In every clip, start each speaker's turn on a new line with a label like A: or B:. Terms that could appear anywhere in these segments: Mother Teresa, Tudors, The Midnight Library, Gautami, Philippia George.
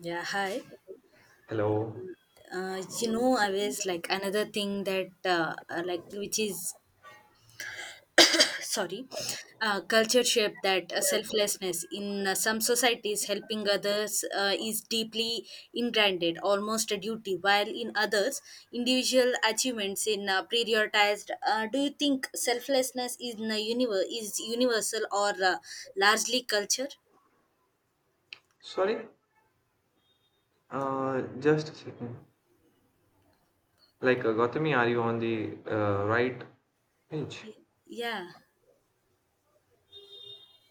A: Yeah, hi.
B: Hello.
A: You know, I was like another thing that, like, which is, sorry, culture shape that selflessness in some societies helping others is deeply ingrained, almost a duty, while in others, individual achievements in prioritized. Do you think selflessness is universal or largely culture?
B: Sorry, just a second. Gautami, are you on the right page?
A: Y- Yeah,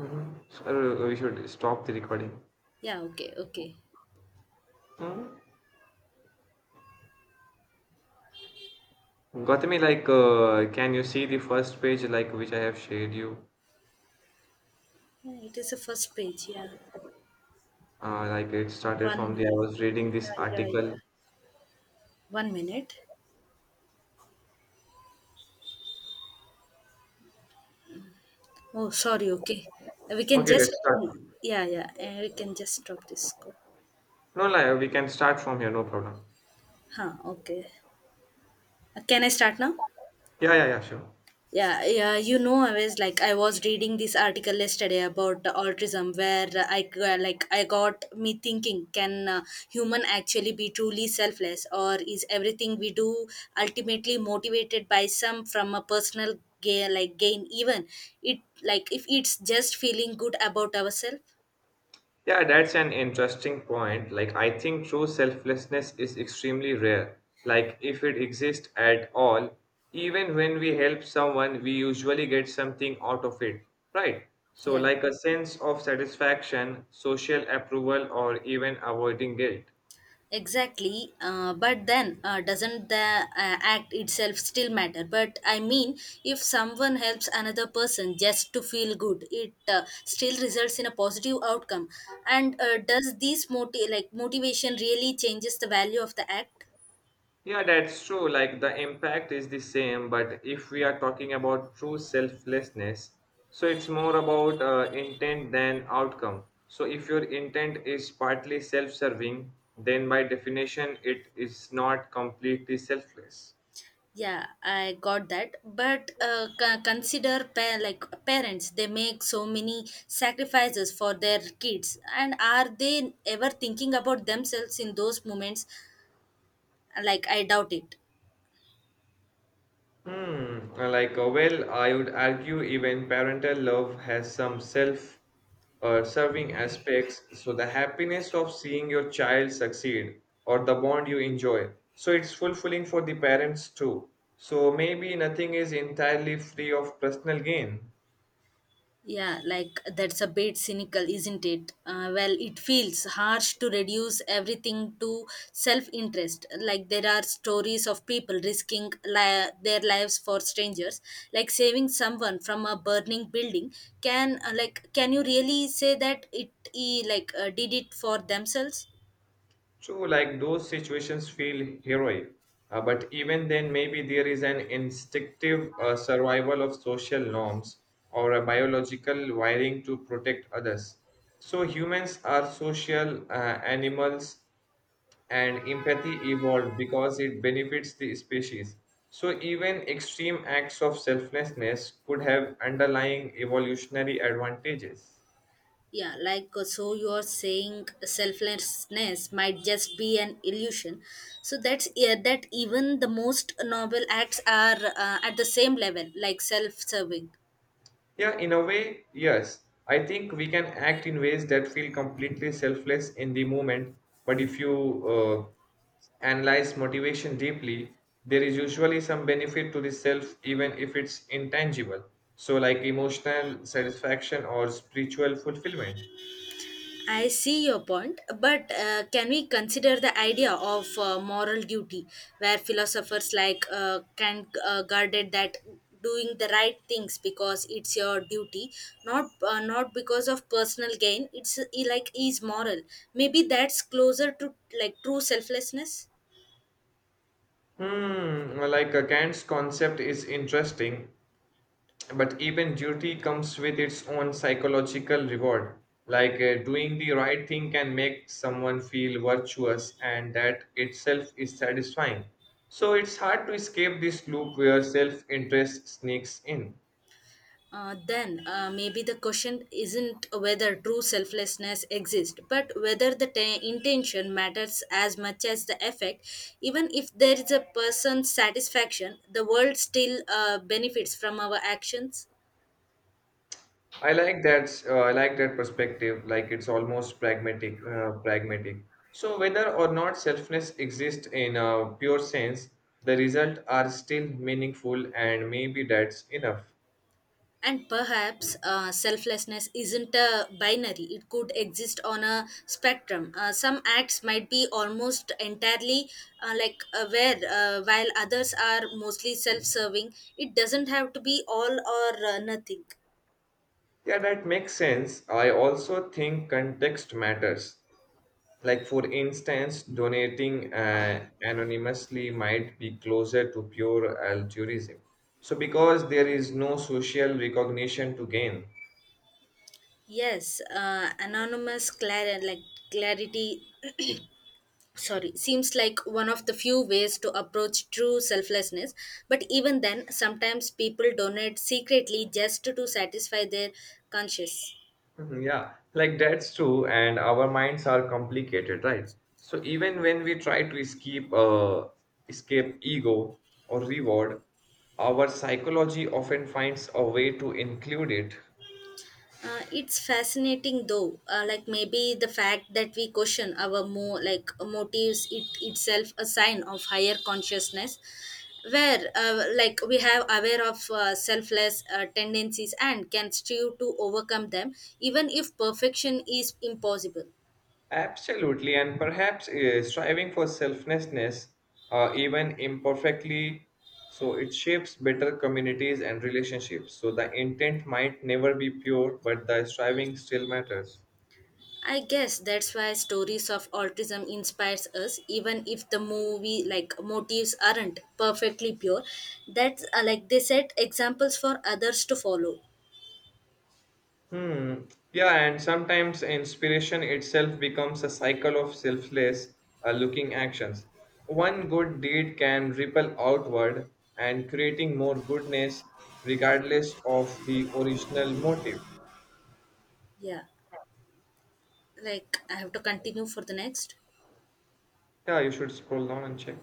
B: Mm-hmm. So, we should stop the recording.
A: yeah, okay, okay.
B: Mm-hmm. Gautami, can you see the first page, like, which I have shared you?
A: Yeah, it is the first page. Yeah,
B: It started
A: one
B: from the I
A: minute.
B: was reading this
A: Yeah, yeah, yeah.
B: article.
A: One minute. Oh, sorry. Okay, we can
B: Okay,
A: just
B: let's start.
A: yeah, yeah, and we can just drop this call.
B: No, like, we can start from here, no problem.
A: Huh? Okay. Can I start now?
B: Yeah, yeah, yeah, sure.
A: Yeah, yeah. I was reading this article yesterday about autism, where I g- like I got me thinking: Can human actually be truly selfless, or is everything we do ultimately motivated by some from a personal gain, like gain? Even it like if it's just feeling good about ourselves.
B: Yeah, that's an interesting point. Like, I think true selflessness is extremely rare. Like, if it exists at all, even when we help someone, we usually get something out of it, right? So,
A: Yeah,
B: like a sense of satisfaction, social approval, or even avoiding guilt.
A: exactly. But then, doesn't the act itself still matter? But I mean, if someone helps another person just to feel good, it still results in a positive outcome. And does this motivation really changes the value of the act?
B: Yeah, that's true. Like the impact is the same, but if we are talking about true selflessness, so it's more about intent than outcome. So if your intent is partly self serving, then by definition, it is not completely selfless.
A: Yeah, I got that, but consider parents. They make so many sacrifices for their kids, and are they ever thinking about themselves in those moments? Like, I doubt it.
B: Hmm, well, I would argue even parental love has some self serving aspects. So, the happiness of seeing your child succeed or the bond you enjoy. So, it's fulfilling for the parents too. So, maybe nothing is entirely free of personal gain.
A: Yeah, like that's a bit cynical, isn't it? Well, it feels harsh to reduce everything to self-interest. Like, there are stories of people risking their lives for strangers, like saving someone from a burning building. Can can you really say that it e like did it for themselves?
B: True, like those situations feel heroic, but even then, maybe there is an instinctive survival of social norms or a biological wiring to protect others. So, humans are social animals, and empathy evolved because it benefits the species. So, even extreme acts of selflessness could have underlying evolutionary advantages.
A: Yeah, like so you're saying selflessness might just be an illusion. So that's, yeah, that even the most noble acts are at the same level, like self-serving.
B: Yeah, in a way, yes. I think we can act in ways that feel completely selfless in the moment, but if you uh, analyze motivation deeply, there is usually some benefit to the self, even if it's intangible. So, like emotional satisfaction or spiritual fulfillment.
A: I see your point, but can we consider the idea of moral duty, where philosophers like Kant guarded that doing the right things because it's your duty, not because of personal gain. It's like is moral. Maybe that's closer to like true selflessness.
B: Hmm, Kant's concept is interesting. But even duty comes with its own psychological reward. Doing the right thing can make someone feel virtuous, and that itself is satisfying. So it's hard to escape this loop where self-interest sneaks in.
A: Then maybe the question isn't whether true selflessness exists, but whether the intention matters as much as the effect. Even if there is a person's satisfaction, the world still benefits from our actions.
B: I like that. I like that perspective. Like it's almost pragmatic. Pragmatic. So whether or not selfness exists in a pure sense, the result are still meaningful, and maybe that's enough.
A: And perhaps selflessness isn't a binary. It could exist on a spectrum. Some acts might be almost entirely aware, while others are mostly self-serving. It doesn't have to be all or nothing.
B: Yeah, that makes sense. I also think context matters. Like, for instance, donating anonymously might be closer to pure altruism. So, because there is no social recognition to gain.
A: Yes, anonymous clarity, sorry, seems like one of the few ways to approach true selflessness. But even then, sometimes people donate secretly just to satisfy their conscience.
B: Mhm, yeah, like that's true, and our minds are complicated, right? So, even when we try to escape, ego or reward, our psychology often finds a way to include it.
A: It's fascinating though. Like, maybe the fact that we question our mo like motives it itself a sign of higher consciousness, where we have aware of selfless tendencies and can strive to overcome them, even if perfection is impossible.
B: Absolutely, and perhaps striving for selflessness, even imperfectly, so it shapes better communities and relationships. So the intent might never be pure, but the striving still matters.
A: I guess that's why stories of autism inspires us, even if the movie like motives aren't perfectly pure. That's they set examples for others to follow.
B: Hmm. Yeah, and sometimes inspiration itself becomes a cycle of selfless, looking actions. One good deed can ripple outward and creating more goodness regardless of the original motive.
A: Yeah, like I have to continue for the next.
B: Yeah, you should scroll down and check.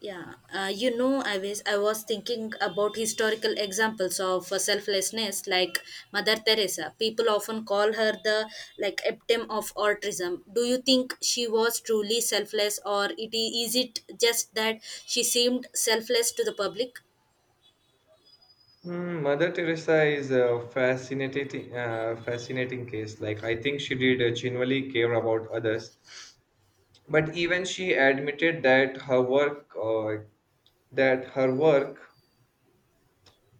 A: Yeah, you know, I was thinking about historical examples of selflessness, like Mother Teresa. People often call her the epitome of altruism. Do you think she was truly selfless, or is it just that she seemed selfless to the public?
B: Mm, Mother Teresa is a fascinating case. Like I think she did genuinely care about others, but even she admitted that her work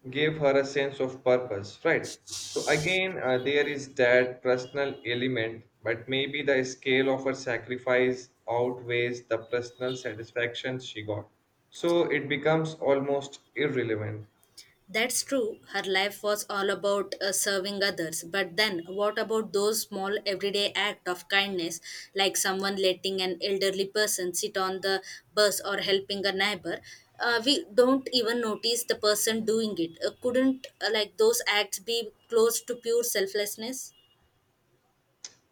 B: gave her a sense of purpose. Right. So again, there is that personal element, but maybe the scale of her sacrifice outweighs the personal satisfaction she got. So it becomes almost irrelevant.
A: That's true. Her life was all about serving others. But then, what about those small everyday acts of kindness, like someone letting an elderly person sit on the bus or helping a neighbor? We don't even notice the person doing it. Couldn't those acts be close to pure selflessness?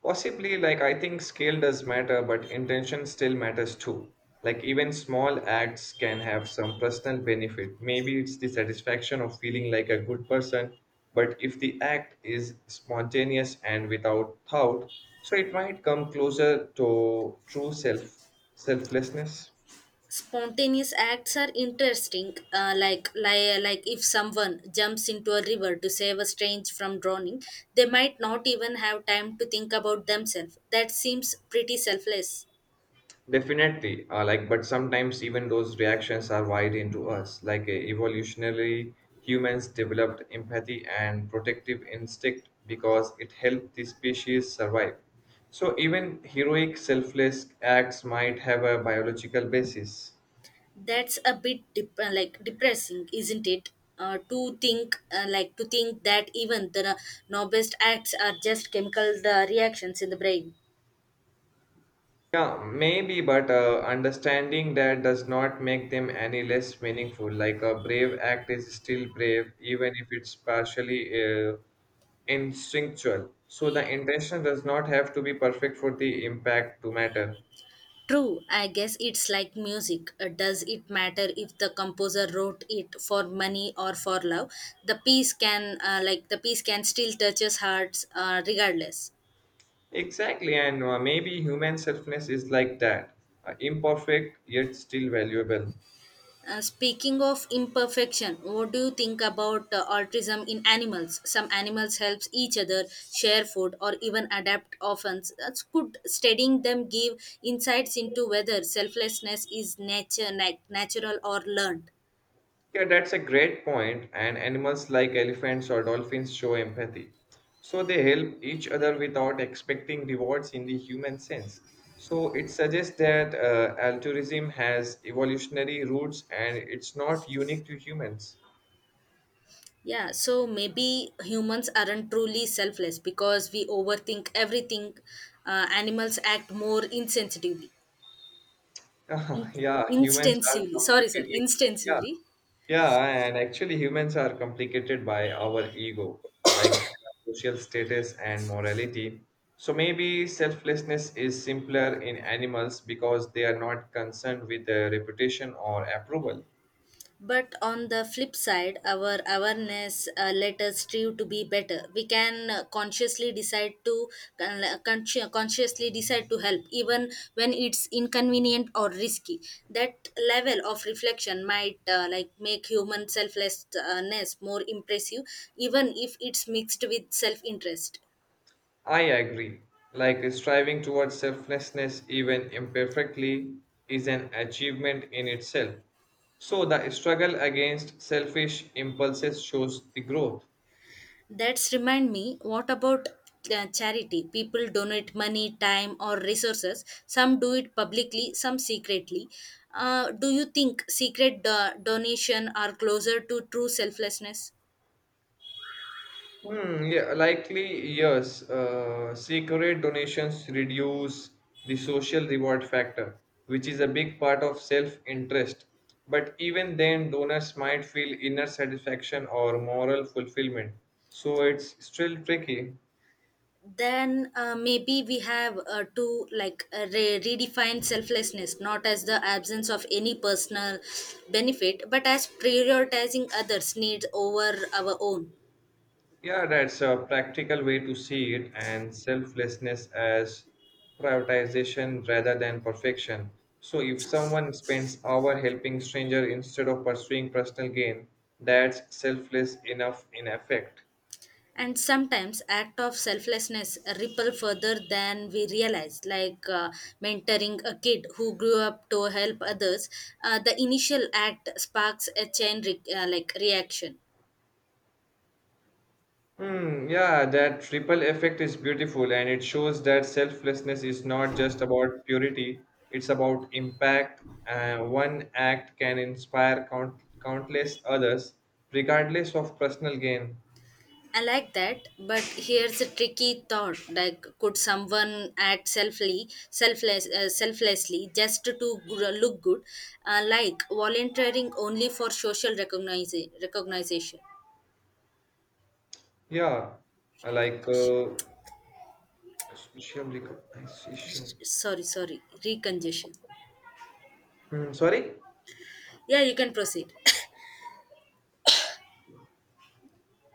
B: Possibly, like I think scale does matter, but intention still matters too. Like even small acts can have some personal benefit. Maybe it's the satisfaction of feeling like a good person, but if the act is spontaneous and without thought, so it might come closer to true selflessness.
A: Spontaneous acts are interesting. Like, if someone jumps into a river to save a stranger from drowning, they might not even have time to think about themselves. That seems pretty selfless.
B: Definitely, but sometimes even those reactions are wired into us. Evolutionarily, humans developed empathy and protective instinct because it helped the species survive. So even heroic, selfless acts might have a biological basis.
A: That's a bit depressing, isn't it, to think that even the noblest acts are just chemical reactions in the brain?
B: Yeah, maybe, but understanding that does not make them any less meaningful. Like a brave act is still brave, even if it's partially uh, instinctual. So the intention does not have to be perfect for the impact to matter.
A: True, I guess it's like music. Does it matter if the composer wrote it for money or for love? The piece can still touches hearts, regardless.
B: Exactly, and maybe human selfness is like that imperfect yet still valuable.
A: Speaking of imperfection, what do you think about altruism in animals? Some animals helps each other, share food, or even adapt orphans. That's could studying them give insights into whether selflessness is natural or learned.
B: Yeah, that's a great point, and animals like elephants or dolphins show empathy. So they help each other without expecting rewards in the human sense. So it suggests that altruism has evolutionary roots and it's not unique to humans.
A: Yeah, so maybe humans aren't truly selfless because we overthink everything. Animals act more insensitively, in-
B: yeah, humans are
A: instinctively. Sorry, sorry,
B: complicated. Yeah,
A: instinctively.
B: yeah, and actually, humans are complicated by our ego, like social status and morality. So maybe selflessness is simpler in animals because they are not concerned with the reputation or approval.
A: But on the flip side, our awareness let us strive to be better. We can consciously decide to help, even when it's inconvenient or risky. That level of reflection might make human selflessness more impressive, even if it's mixed with self-interest.
B: I agree. Like striving towards selflessness, even imperfectly, is an achievement in itself. So the struggle against selfish impulses shows the growth.
A: That's remind me, what about charity? People donate money, time, or resources. Some do it publicly, some secretly. Do you think secret donation are closer to true selflessness?
B: Hmm, yeah, likely yes. Secret donations reduce the social reward factor, which is a big part of self-interest. But even then, donors might feel inner satisfaction or moral fulfillment. So it's still tricky.
A: Then maybe we have to like re- redefine selflessness not as the absence of any personal benefit, but as prioritizing others' needs over our own.
B: Yeah, that's a practical way to see it, and selflessness as prioritization rather than perfection. So, if someone spends hour helping stranger instead of pursuing personal gain, that's selfless enough in effect.
A: And sometimes act of selflessness ripple further than we realize. Like mentoring a kid who grew up to help others, the initial act sparks a chain reaction.
B: Hmm, yeah, that triple effect is beautiful, and it shows that selflessness is not just about purity; it's about impact. One act can inspire countless others, regardless of personal gain.
A: I like that, but here's a tricky thought. Like, could someone act selfly selfless selflessly just to look good? Uh, like volunteering only for social recognition?
B: Yeah, I like Sushiyam I recognition.
A: Sorry, sorry, recongestion.
B: Hmm, sorry?
A: Yeah, you can proceed.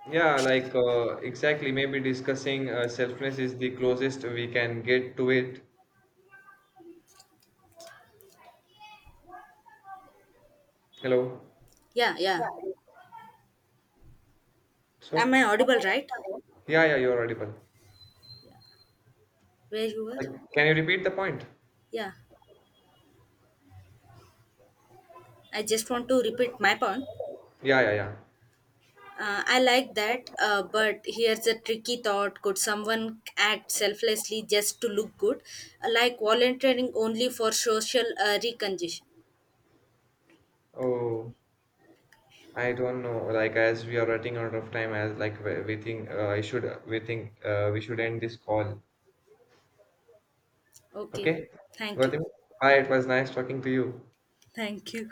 B: Yeah, exactly. Maybe discussing selfness is the closest we can get to it. Hello.
A: Yeah, yeah. Am
B: So,
A: I audible, right?
B: yeah, yeah, you're audible.
A: Where you were?
B: Like, can you repeat the point?
A: Yeah. I just want to repeat my point.
B: Yeah, yeah, yeah.
A: I like that, but here's a tricky thought. Could someone act selflessly just to look good? Like volunteering only for social recognition.
B: Oh, I don't know. Like, as we are running out of time, as like we think I should, we think we should end this call.
A: Okay.
B: Okay?
A: Thank you.
B: Gautam? Hi, it was nice talking to you.
A: Thank you.